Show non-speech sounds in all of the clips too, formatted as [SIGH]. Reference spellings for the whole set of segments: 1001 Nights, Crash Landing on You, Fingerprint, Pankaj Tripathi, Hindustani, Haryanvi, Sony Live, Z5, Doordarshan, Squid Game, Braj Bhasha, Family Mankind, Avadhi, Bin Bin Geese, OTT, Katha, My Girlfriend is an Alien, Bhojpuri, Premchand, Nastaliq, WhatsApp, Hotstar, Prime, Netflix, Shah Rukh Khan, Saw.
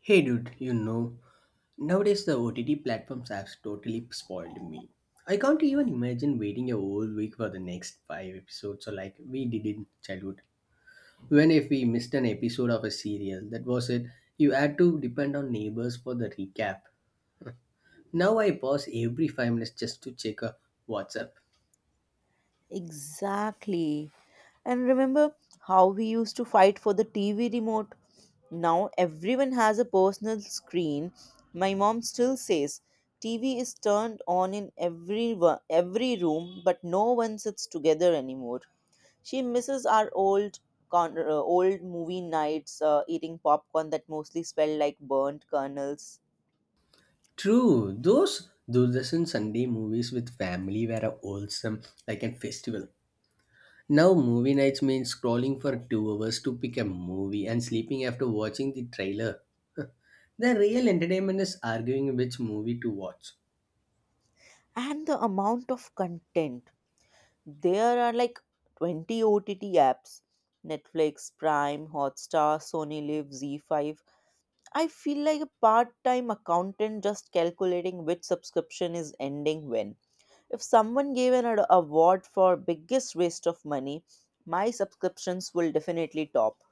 Hey dude, you know, nowadays the OTT platforms have totally spoiled me. I can't even imagine waiting a whole week for the next 5 episodes, so like we did in childhood. Even if we missed an episode of a serial, that was it. You had to depend on neighbors for the recap. Now I pause every 5 minutes just to check a WhatsApp. Exactly. And remember how we used to fight for the TV remote? Now everyone has a personal screen. My mom still says TV is turned on in every room, but no one sits together anymore. She misses our old old movie nights, eating popcorn that mostly smelled like burnt kernels, True, those Doordarshan Sunday movies with family were a wholesome, like a festival. Now, movie nights mean scrolling for 2 hours to pick a movie and sleeping after watching the trailer. The real entertainment is arguing which movie to watch. and the amount of content. There are like 20 OTT apps: Netflix, Prime, Hotstar, Sony Live, Z5. I feel like a part time accountant just calculating which subscription is ending when. If someone gave an award for biggest waste of money, my subscriptions will definitely top.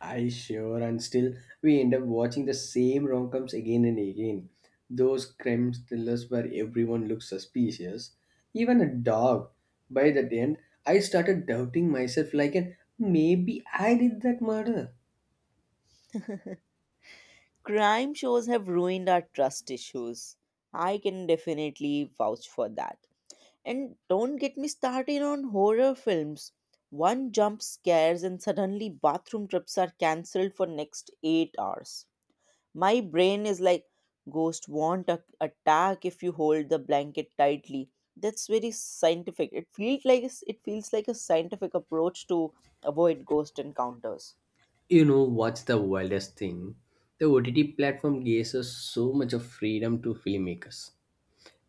I sure, and still we end up watching the same rom coms again and again. Those crime thrillers where everyone looks suspicious, even a dog. By the end, I started doubting myself like, maybe I did that murder. Crime shows have ruined our trust issues. I can definitely vouch for that. And don't get me started on horror films. One jump scares and suddenly bathroom trips are cancelled for next 8 hours. My brain is like, ghost won't attack if you hold the blanket tightly. That's very scientific. It feels like a scientific approach to avoid ghost encounters. You know what's the wildest thing? The OTT platform gives us so much of freedom to filmmakers.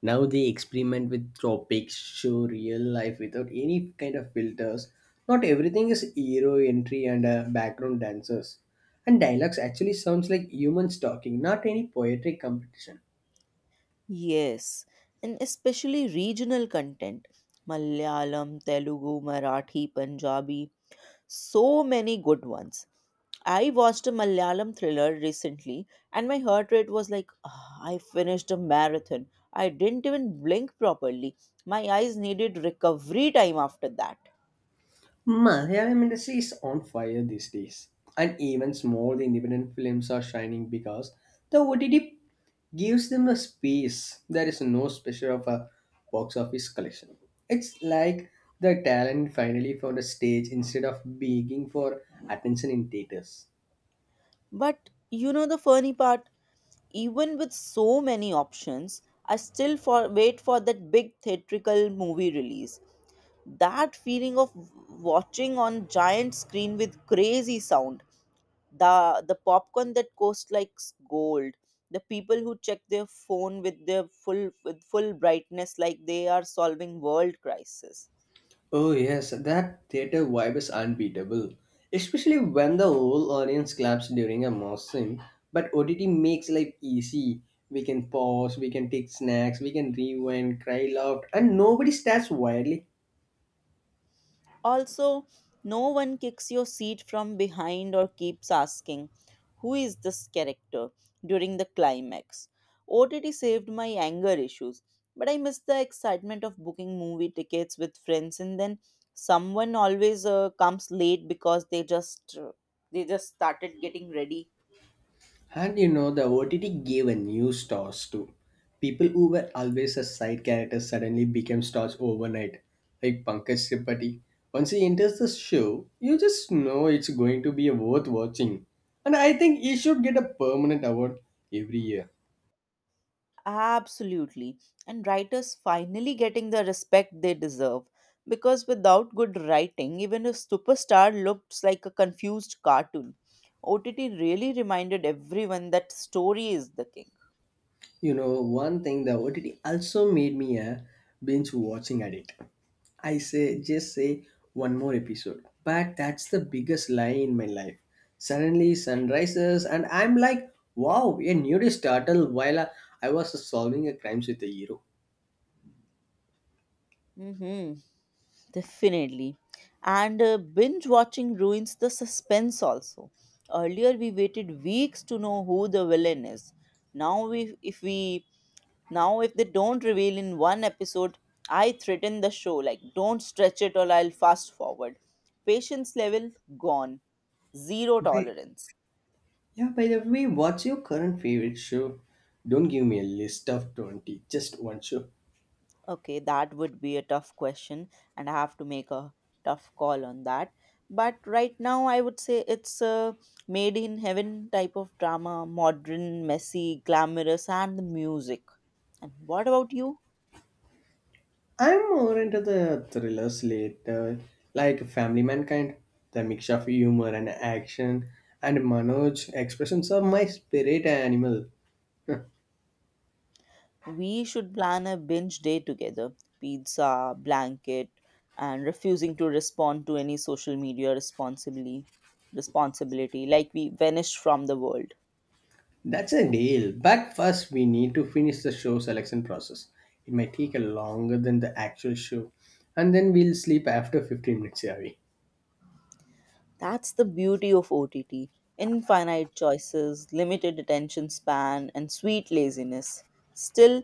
Now they experiment with topics, show real life without any kind of filters. Not everything is hero entry and background dancers. And dialogues actually sounds like humans talking, not any poetry competition. Yes, and especially regional content. Malayalam, Telugu, Marathi, Punjabi, so many good ones. I watched a Malayalam thriller recently and my heart rate was like, "Ah, I finished a marathon. I didn't even blink properly. My eyes needed recovery time after that." Malayalam industry is on fire these days, and even small independent films are shining because the OTT gives them a space. There is no special of a box office collection. It's like the talent finally found a stage instead of begging for attention in theaters. But you know the funny part? Even with so many options, I still wait for that big theatrical movie release. That feeling of watching on giant screen with crazy sound, the popcorn that costs like gold, the people who check their phone with their full with full brightness like they are solving world crisis. Oh yes, that theater vibe is unbeatable, especially when the whole audience claps during a mosh scene. But OTT makes life easy. We can pause, we can take snacks, we can rewind, cry loud, and nobody stares wildly. Also, no one kicks your seat from behind or keeps asking who is this character during the climax. OTT saved my anger issues, but I miss the excitement of booking movie tickets with friends, and then someone always comes late because they just started getting ready. And you know, the OTT gave a new stars too. People who were always a side character suddenly became stars overnight, like Pankaj Tripathi. Once he enters the show, you just know it's going to be worth watching. And I think he should get a permanent award every year. Absolutely. And writers finally getting the respect they deserve. Because without good writing, even a superstar looks like a confused cartoon. OTT really reminded everyone that story is the king. You know, one thing the OTT also made me a binge watching addict. I say just say one more episode. But that's the biggest lie in my life. Suddenly sun rises and I'm like, wow, a nudist startled while I was solving a crime with a hero. Mm-hmm. Definitely. And binge watching ruins the suspense also. Earlier we waited weeks to know who the villain is. Now we if we Now if they don't reveal in one episode, I threaten the show like, don't stretch it or I'll fast forward. Patience level gone. Zero By, tolerance. yeah, by the way, what's your current favorite show? Don't give me a list of 20, just one show. Okay, that would be a tough question, and I have to make a tough call on that. But right now, I would say it's a made in heaven type of drama: modern, messy, glamorous, and the music. And what about you? I'm more into the thrillers later, like Family Mankind. The mix of humor and action and Manoj expressions of my spirit animal. [LAUGHS] We should plan a binge day together: pizza, blanket, and refusing to respond to any social media responsibly. Responsibility, like we vanish from the world. That's a deal. But first, we need to finish the show selection process. It might take a longer than the actual show, and then we'll sleep after 15 minutes, Yavi. That's the beauty of OTT: infinite choices, limited attention span, and sweet laziness. Still,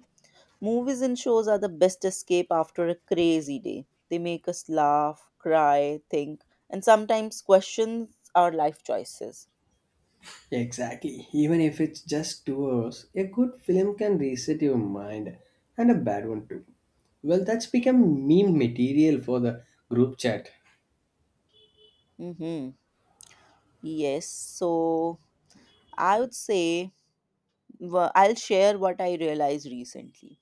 movies and shows are the best escape after a crazy day. They make us laugh, cry, think, and sometimes question our life choices. Exactly. Even if it's just 2 hours, a good film can reset your mind and a bad one too. Well, that's become meme material for the group chat. Mm-hmm. Yes, so I would say, I'll share what I realized recently.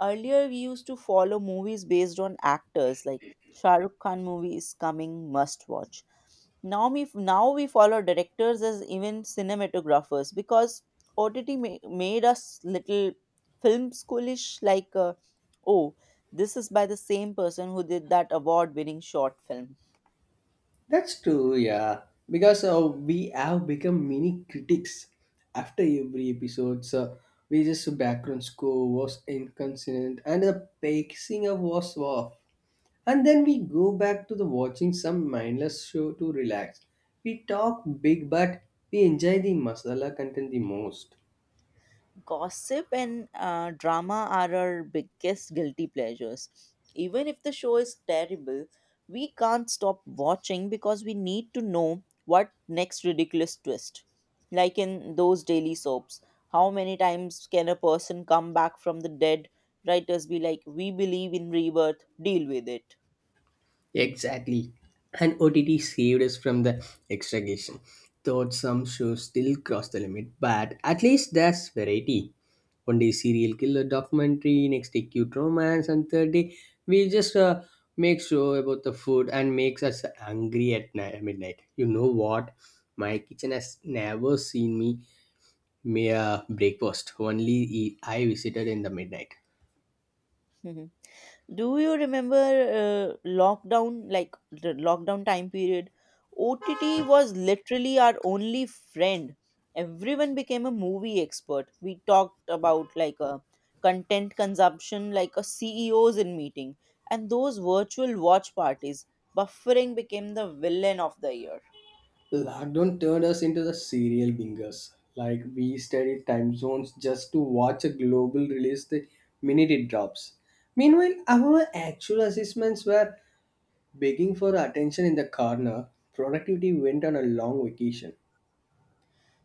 Earlier, we used to follow movies based on actors, like Shah Rukh Khan movie is coming, must watch. Now we follow directors as even cinematographers because OTT made us little film schoolish like oh, this is by the same person who did that award winning short film. That's true, yeah. Because we have become mini critics after every episode. So we just background score was inconsistent and the pacing of was off. And then we go back to the watching some mindless show to relax. We talk big, but we enjoy the masala content the most. Gossip and drama are our biggest guilty pleasures. Even if the show is terrible, we can't stop watching because we need to know what next ridiculous twist. Like in those daily soaps, how many times can a person come back from the dead? Writers be like, we believe in rebirth, deal with it. Exactly. And OTT saved us from the extragation. Though some shows still cross the limit, but at least there's variety. One day serial killer documentary, next day cute romance, and third day we just make sure about the food and makes us angry at night, midnight. You know what? My kitchen has never seen me mere breakfast only I visited in the midnight. [LAUGHS] Do you remember lockdown, like the lockdown time period? OTT was literally our only friend. Everyone became a movie expert. We talked about like a content consumption, like a CEOs in meeting, and those virtual watch parties. Buffering became the villain of the year. Lockdown turned us into the serial bingers. Like we studied time zones just to watch a global release the minute it drops. Meanwhile, our actual assessments were begging for attention in the corner. Productivity went on a long vacation.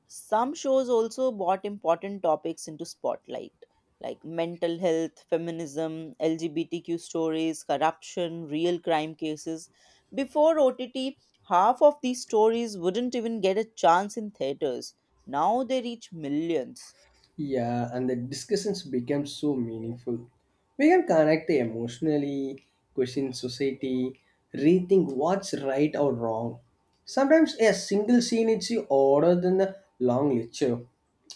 Some shows also brought important topics into spotlight, like mental health, feminism, LGBTQ stories, corruption, real crime cases. Before OTT, half of these stories wouldn't even get a chance in theaters. Now they reach millions. Yeah, and the discussions become so meaningful. We can connect emotionally, question society, rethink what's right or wrong. Sometimes a single scene is older than the long lecture.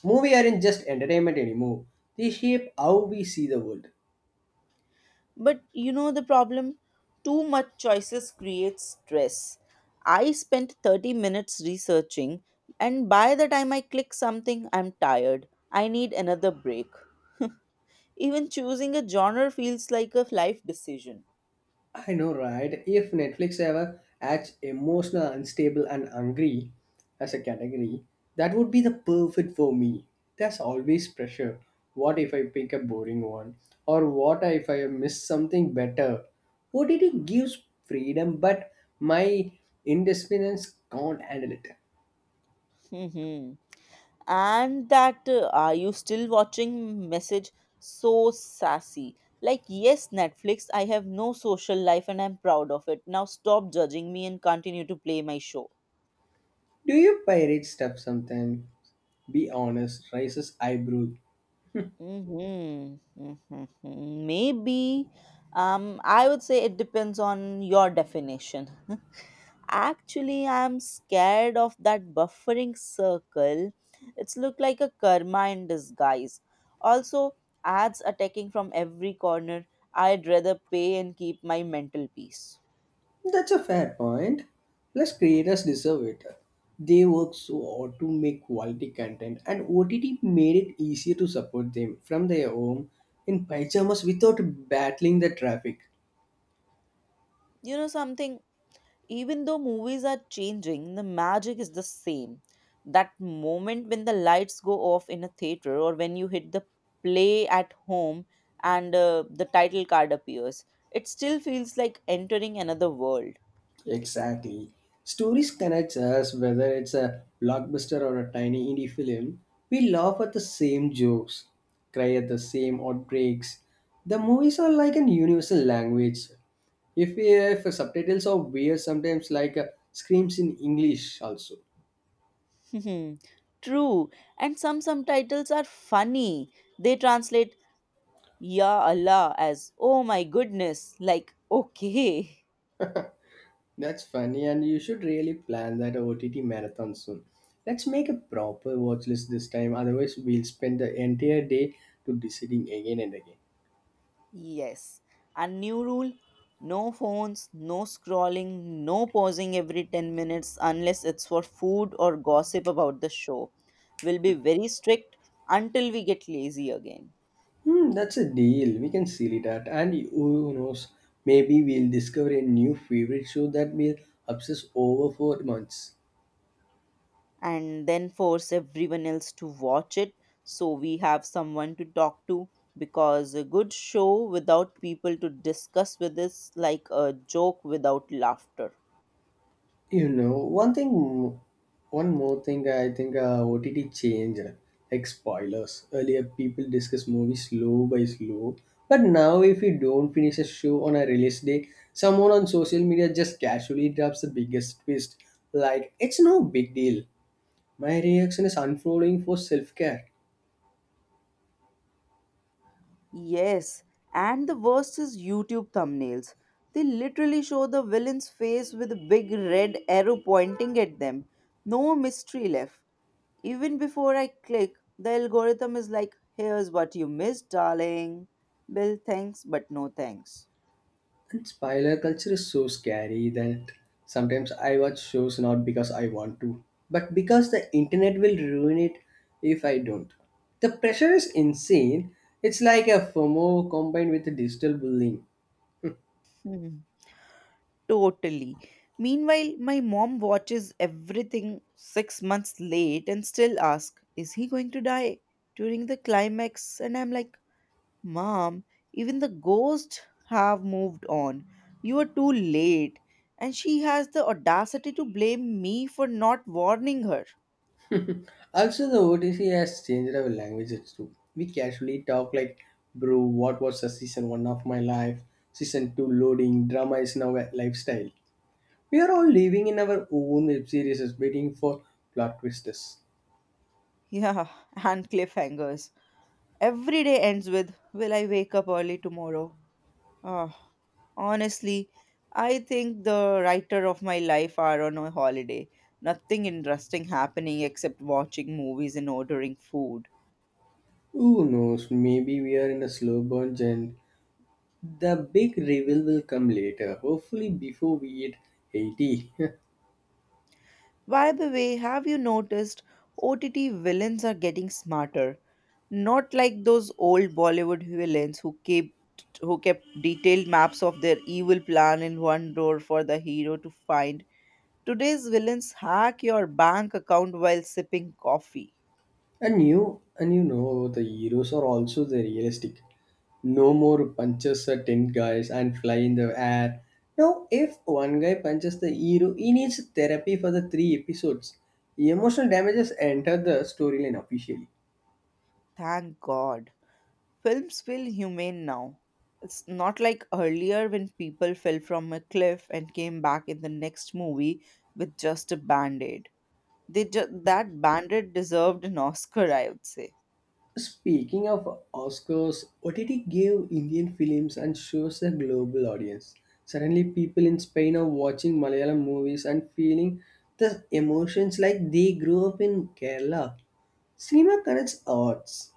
Movie aren't just entertainment anymore. They shape how we see the world. But you know the problem? Too much choices creates stress. I spent 30 minutes researching, and by the time I click something, I'm tired. I need another break. Even choosing a genre feels like a life decision. I know, right? If Netflix ever adds emotional, unstable, and angry as a category, that would be the perfect for me. There's always pressure. What if I pick a boring one? Or what if I miss something better? What did it gives freedom, but my indisciplinance can't handle it. Hmm. And that are you still watching message so sassy. Like, yes, Netflix, I have no social life and I'm proud of it. Now stop judging me and continue to play my show. Do you pirate stuff sometimes? Be honest, raises eyebrow. Hmm. Maybe. I would say it depends on your definition. Actually, I'm scared of that buffering circle. It's look like a karma in disguise. Also, ads attacking from every corner. I'd rather pay and keep my mental peace. That's a fair point. Plus, creators deserve it. They work so hard to make quality content, and OTT made it easier to support them from their home in pyjamas without battling the traffic. You know something? Even though movies are changing, the magic is the same. That moment when the lights go off in a theater or when you hit the play at home and the title card appears, it still feels like entering another world. Exactly. Stories connects us whether it's a blockbuster or a tiny indie film. We laugh at the same jokes, cry at the same outbreaks. The movies are like an universal language. If subtitles are weird, sometimes like screams in English also. Hmm. True. And some subtitles are funny. They translate Ya Allah as, oh my goodness, like okay. That's funny, and you should really plan that OTT marathon soon. Let's make a proper watch list this time. Otherwise, we'll spend the entire day to deciding again and again. Yes. And new rule: no phones, no scrolling, no pausing every 10 minutes unless it's for food or gossip about the show. We'll be very strict until we get lazy again. Hmm, that's a deal. We can seal it at, and who knows, maybe we'll discover a new favorite show that we'll obsess over for months. And then force everyone else to watch it so we have someone to talk to, because a good show without people to discuss with is like a joke without laughter. You know, one more thing. I think OTT changed, like spoilers. Earlier, people discuss movies slow by slow, but now if you don't finish a show on a release day, someone on social media just casually drops the biggest twist. Like it's no big deal. My reaction is unfolding for self care. Yes, and the worst is YouTube thumbnails. They literally show the villain's face with a big red arrow pointing at them. No mystery left. Even before I click, the algorithm is like, here's what you missed, darling. Bill, thanks, but no thanks. And spoiler culture is so scary that sometimes I watch shows not because I want to, but because the internet will ruin it if I don't. The pressure is insane. It's like a FOMO combined with a digital bullying. Hmm. Totally. Meanwhile, my mom watches everything 6 months late and still asks, is he going to die during the climax? And I'm like, mom, even the ghosts have moved on. You are too late. And she has the audacity to blame me for not warning her. Also, the OTC has changed our languages too. We casually talk like, bro, what was the season one of my life? Season two loading, drama is now a lifestyle. We are all living in our own web series waiting for plot twists. Yeah, [LAUGHS] and cliffhangers. Every day ends with, will I wake up early tomorrow? Ah, honestly, I think the writer of my life are on a holiday. Nothing interesting happening except watching movies and ordering food. Who knows? Maybe we are in a slow bunch and the big reveal will come later. Hopefully before we hit 80. [LAUGHS] By the way, have you noticed OTT villains are getting smarter? Not like those old Bollywood villains who kept detailed maps of their evil plan in one drawer for the hero to find. Today's villains hack your bank account while sipping coffee. And you know the heroes are also the realistic. No more punches at 10 guys and fly in the air. Now if one guy punches the hero, he needs therapy for the 3 episodes. Emotional damages enter the storyline officially. Thank God. Films feel humane now. It's not like earlier when people fell from a cliff and came back in the next movie with just a band aid. That band aid deserved an Oscar, I would say. Speaking of Oscars, OTT gave Indian films and shows a global audience. Suddenly, people in Spain are watching Malayalam movies and feeling the emotions like they grew up in Kerala. Cinema connects arts.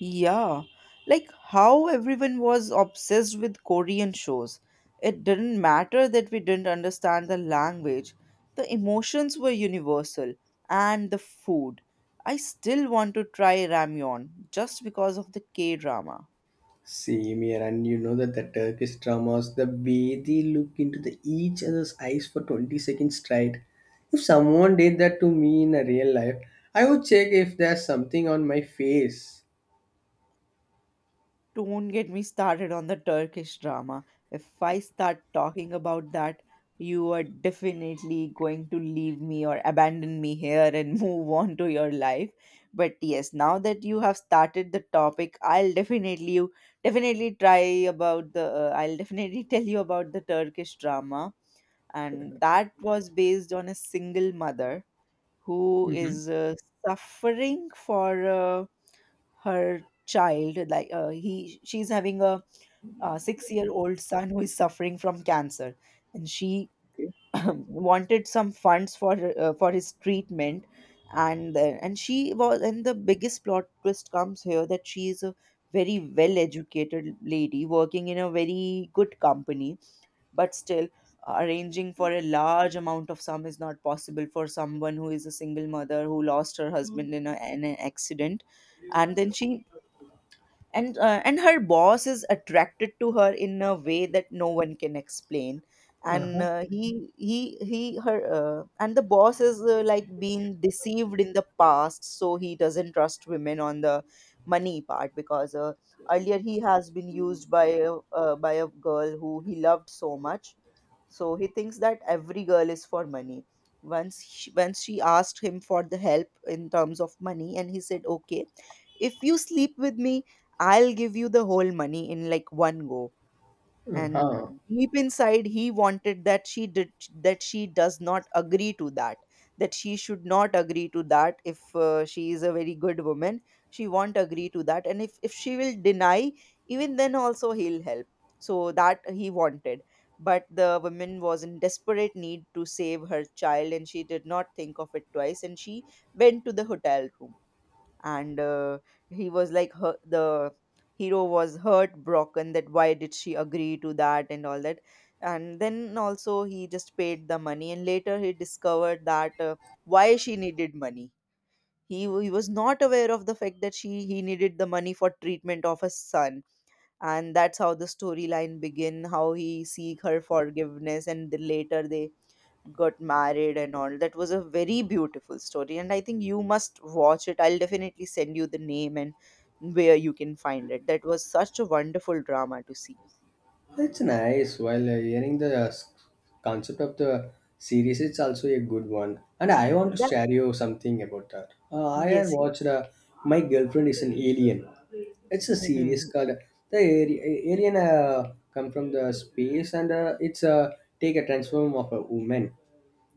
Yeah, like how everyone was obsessed with Korean shows. It didn't matter that we didn't understand the language, the emotions were universal, and the food. I still want to try ramyeon just because of the K drama. Same here, and you know that the Turkish dramas, the way they look into the each other's eyes for 20 seconds straight. If someone did that to me in a real life, I would check if there's something on my face. Don't get me started on the Turkish drama. If I start talking about that, you are definitely going to leave me or abandon me here and [LAUGHS] move on to your life. But yes, now that you have started the topic, I'll definitely you definitely try about the I'll definitely [LAUGHS] tell you about the Turkish drama, and that was based on a single mother who Hmm. is suffering for a her child like he she's having a 6 year old son who is suffering from cancer, and she Okay. [CLEARS THROAT] wanted some funds for his treatment. And she was, and the biggest plot twist comes here, that she is a very well educated lady working in a very good company, but still, arranging for a large amount of sum is not possible for someone who is a single mother who lost her husband in an accident. And then she, and her boss is attracted to her in a way that no one can explain. And Uh-huh. He her and the boss is like being deceived in the past, so he doesn't trust women on the money part because earlier he has been used by by a girl who he loved so much, so he thinks that every girl is for money. Once she asked him for the help in terms of money and he said, okay, if you sleep with me, I'll give you the whole money in like one go. And Uh-huh. deep inside he wanted that she did that she does not agree to that, that she should not agree to that. If she is a very good woman she won't agree to that, and if she will deny, even then also he'll help, so that he wanted. But the woman was in desperate need to save her child and she did Not think of it twice, and she went to the hotel room, and he was like her, the hero was heartbroken that why did she agree to that and all that. And then also he just paid the money, and later he discovered that why she needed money. He was not aware of the fact that she he needed the money for treatment of his son. And that's how the storyline begin, how he seek her forgiveness, and later they got married and all. That was a very beautiful story, and I think you must watch it. I'll definitely send you the name and where you can find it. That was such a wonderful drama to see. That's nice. While hearing the concept of the series, it's also a good one. And I want to That, share you something about that. I had yes, yes. watched My Girlfriend is an Alien. It's a series Mhm. called The Alien come from the space and it's a take a transform of a woman.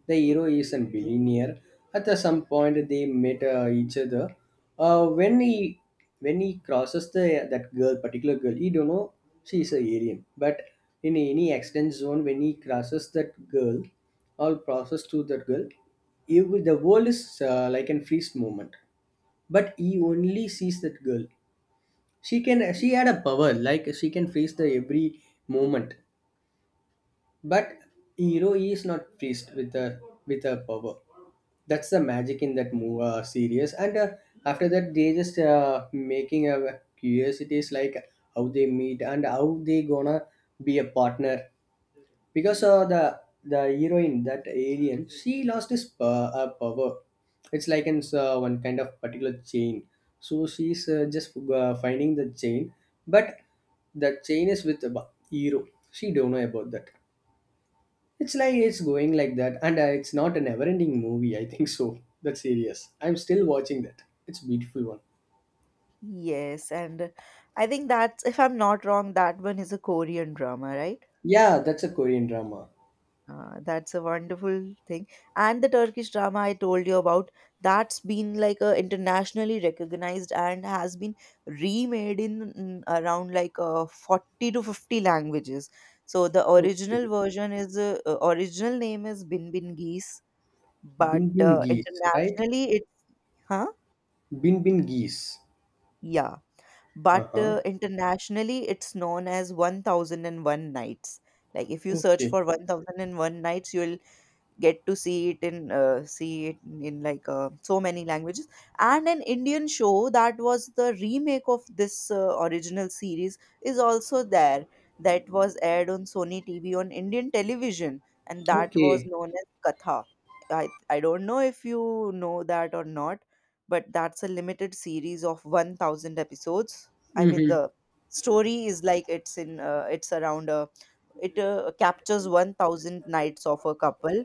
The hero is a billionaire. At the some point, they met each other. Uh, when he when he crosses the that girl, particular girl, he don't know she is a alien. But in any accident zone, when he crosses that girl, or crosses to that girl, he will- the world is like an freeze moment. But he only sees that girl. She had a power like she can freeze the every moment but hero E is not priest with her power. That's the magic in that movie series. And after that, they just making a curiosities like how they meet and how they gonna be a partner. Because the heroine that alien, she lost his her power. It's like in one kind of particular chain. So she's just finding the chain, but the chain is with the hero. She don't know about that. It's like it's going like that, and it's not a never-ending movie. I think so. That's serious. I'm still watching that. It's a beautiful one. Yes, and I think that's, if I'm not wrong, that one is a Korean drama, right? Yeah, that's a Korean drama. Ah, that's a wonderful thing. And the Turkish drama I told you about, that's been like a internationally recognized and has been remade in around like 40 to 50 languages. So the original Okay, version is original name is Bin Bin Geese, but Bin Bin Geese, right? internationally it's huh? Bin Bin Geese. Yeah. Uh But huh. Internationally it's known as 1001 Nights. Like if you search Okay. for 1001 Nights, you'll get to see it in, like so many languages. And an Indian show that was the remake of this original series is also there, that was aired on Sony TV on Indian television, and that was Okay. known as Katha. I don't know if you know that or not, but that's a limited series of 1,000 episodes. I mean, Mm-hmm. the story is like it's in it's around a it captures 1,000 nights of a couple,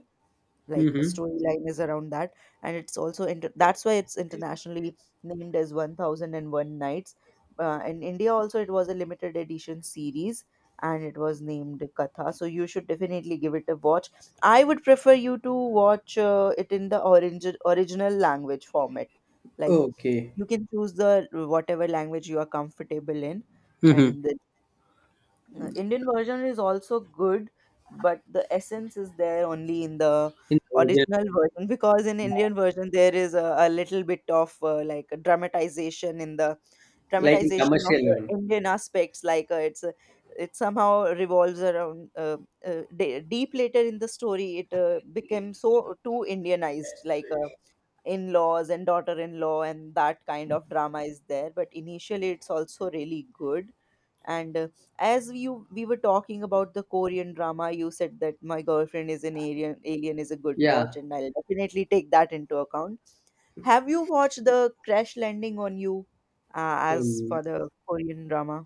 like a Mm-hmm. storyline is around that. And it's also that's why it's internationally named as 1001 nights. In India also it was a limited edition series, and it was named Katha. So you should definitely give it a watch. I would prefer you to watch it in the original language format. Like Okay. you can choose the whatever language you are comfortable in. Mm-hmm. And then Indian version is also good, but the essence is there only in the In the original, original version, because in yeah. Indian version there is a little bit of like a dramatization in the Like in dramatization of commercial one. Indian aspects. Like it's a, it somehow revolves around deep later in the story. It became so too Indianized. Like in-laws and daughter-in-law and that kind of drama is there, but initially it's also really good. And uh, as you we were talking about the Korean drama, you said that My Girlfriend is an Alien, Alien is a good watch, Yeah. and I'll definitely take that into account. Have you watched the Crash Landing on You, as Um, for the Korean drama?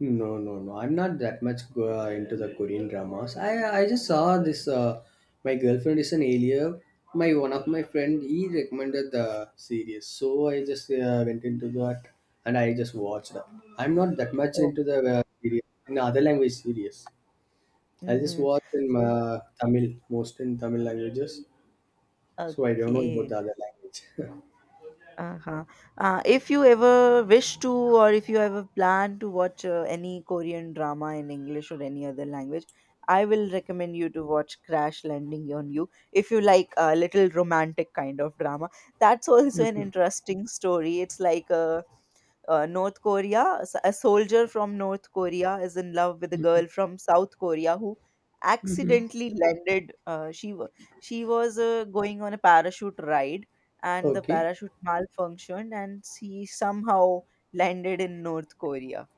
no, no, no. I'm not that much into the Korean dramas. I just saw this. My girlfriend is an alien. My one of my friend he recommended the series, so I just went into that and I just watched that. I'm not that much Oh, into the yeah. Series in other language series. I just Mm-hmm. watch in So, Tamil, most in Tamil languages. So I don't know about okay. the other language. [LAUGHS] Uh-huh. If you ever wish to, or if you ever plan to watch any Korean drama in English or any other language, I will recommend you to watch Crash Landing on You. If you like a little romantic kind of drama, that's [LAUGHS] also an interesting story. It's like a North Korea, a soldier from North Korea is in love with a girl from South Korea who Hmm. accidentally landed. She was going on a parachute ride, and the Okay, parachute malfunctioned, and she somehow landed in North Korea.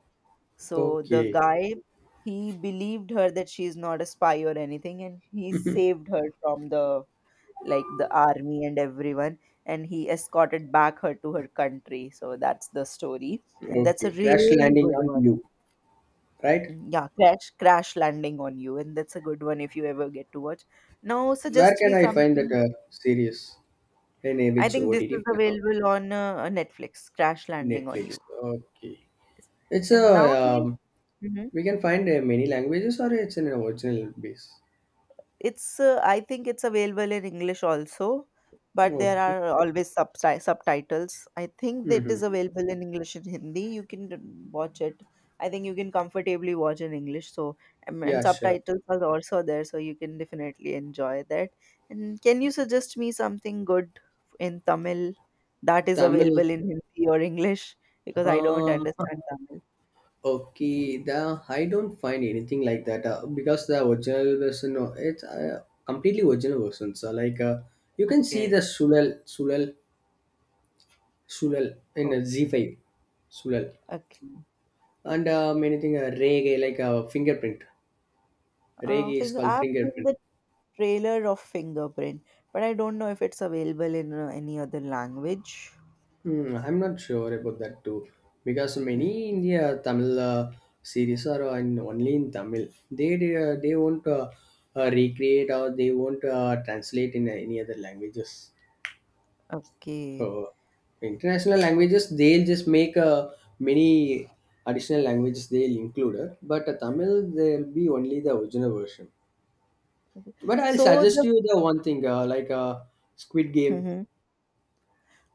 So the okay. guy, he believed her that she is not a spy or anything, and he [LAUGHS] saved her from the, like, the army and everyone, and he escorted back her to her country. So that's the story, and that's Okay. a Crash really landing good on one. you, right? Yeah, crash landing on you, and that's a good one if you ever get to watch. Now Where suggest can me I find that something. Series? In a I which think this OTT is platform? available on Netflix, Crash Landing on Netflix. You. Okay. It's a And now can you? Mhm. we can find many languages or it's in an original base. It's I think it's available in English also, but there Okay. are always subtitles. I think that Mm-hmm. is available in English and Hindi. You can watch it. I think you can comfortably watch in English. So and Yeah, sure. subtitles are also there, so you can definitely enjoy that. And can you suggest me something good in Tamil that is Tamil. available in Hindi or English? Because I don't Uh, understand Tamil. okay. The I don't find anything like that because the original version. No, it's completely original version. So like you can see the Okay. Sulal in Oh, a Z5 Sulal. okay. And many thing reggae, like fingerprint. Reggae is Think called I've seen fingerprint. the trailer of Fingerprint, but I don't know if it's available in any other language. Hmm, I'm not sure about that too, because Mm, many India Tamil series are on, only in Tamil. They won't recreate or they won't translate in any other languages. Okay. So international So, languages, they'll just make many additional languages they'll include, but Tamil there'll be only the original version. okay. But I'll So suggest the you the one thing, like Squid Game. Mhm.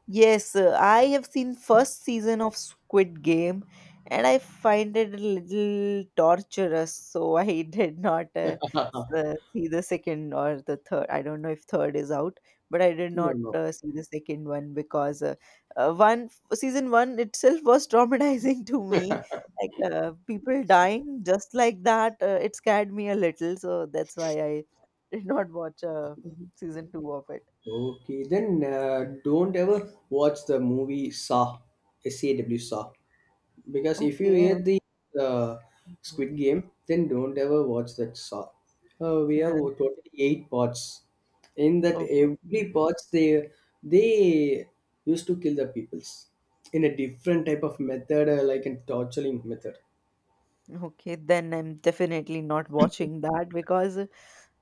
Yes, I have seen first season of Squid Game, and I find it a little torturous, so I [LAUGHS] did not [LAUGHS] see the second or the third. I don't know if third is out, but I did No, not no. See the second one because one season one itself was traumatizing [LAUGHS] to me. Like people dying just like that, it scared me a little, so that's why I did not watch season two of it. Okay, then don't ever watch the movie Saw, SAW Saw, because if you Okay. Hear the uh, Mhm. Squid Game, then don't ever watch that Saw. We have [LAUGHS] totally 8 parts. In that Okay. every parts they used to kill the peoples in a different type of method, like a torturing method. Okay. Then I'm definitely not watching that, because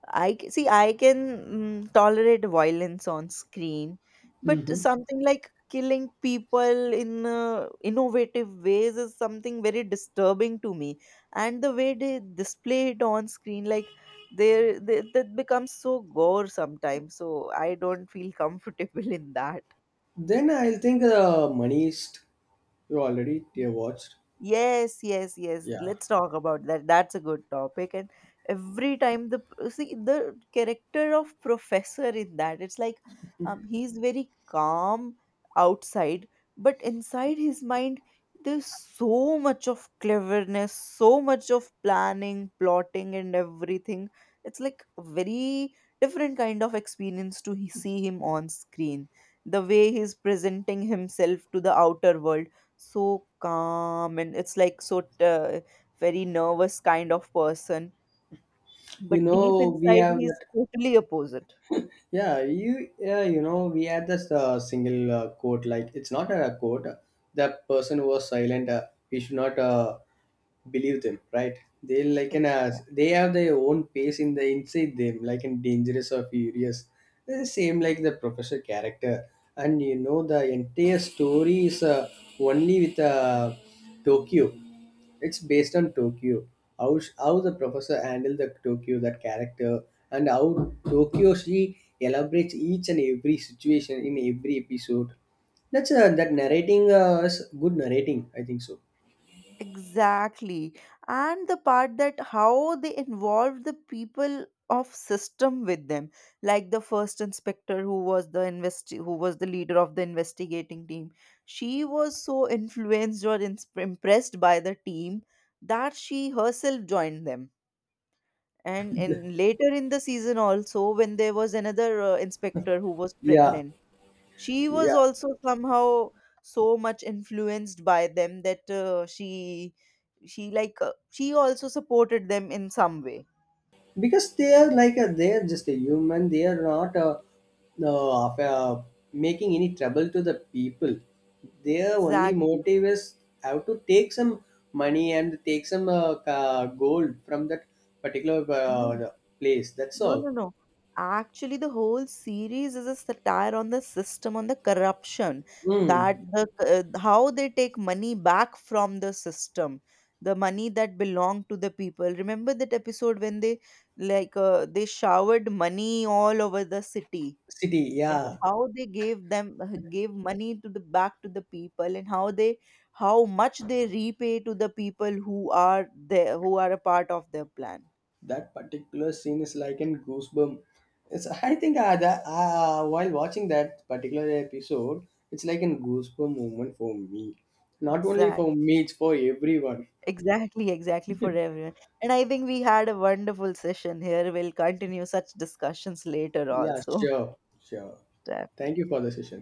I see I can tolerate violence on screen, but something like killing people in innovative ways is something very disturbing to me. And the way they display it on screen, like they that becomes so gore sometimes. So I don't feel [LAUGHS] comfortable in that. Then I'll think the Manist. You already you watched. Yes, yes, yes. Yeah. Let's talk about that. That's a good topic. And every time the see the character of professor in that, it's like he's very calm outside, but inside his mind there's so much of cleverness, so much of planning, plotting, and everything. It's like a very different kind of experience to see him on screen. The way he's presenting himself to the outer world so calm, and it's like so very nervous kind of person, You but deep know we inside have he's that. totally opposite. Yeah. You Yeah. You know we had this single quote. Like it's not a quote. The person who was silent. We should not believe them. Right. They like Ex- an they have their own pace in the inside them. Like in dangerous or furious. They're the same like the professor character. And you know the entire story is only with Tokyo. It's based on Tokyo. How, how the professor handled the Tokyo, that character, and how Tokyo she elaborates each and every situation in every episode. That's that narrating is good narrating. I think so. exactly. And the part that how they involved the people of system with them, like the first inspector who was the invest who was the leader of the investigating team, she was so influenced or impressed by the team that she herself joined them. And in later in the season also, when there was another inspector who was Yeah, pregnant, she was yeah. also somehow so much influenced by them that she like she also supported them in some way. Because they are like they are just a human they are not of, making any trouble to the people their only Exactly. motive is how to take some money and take some gold from that particular No. Place that's No, all. no, no. Actually, the whole series is a satire on the system, on the corruption, Mm. that the how they take money back from the system, the money that belonged to the people. Remember that episode when they like they showered money all over the city, City, and yeah. how they gave them [LAUGHS] gave money to the back to the people, and how they how much they repay to the people who are there, who are a part of their plan. That particular scene is like in goosebump. It's I think that, while watching that particular episode it's like a goosebump moment for me not only for Exactly. me it's for everyone. Exactly, exactly for everyone. And I think we had a wonderful session here. We'll continue such discussions later Yeah, also. sure, sure. Thank you Definitely. for the session.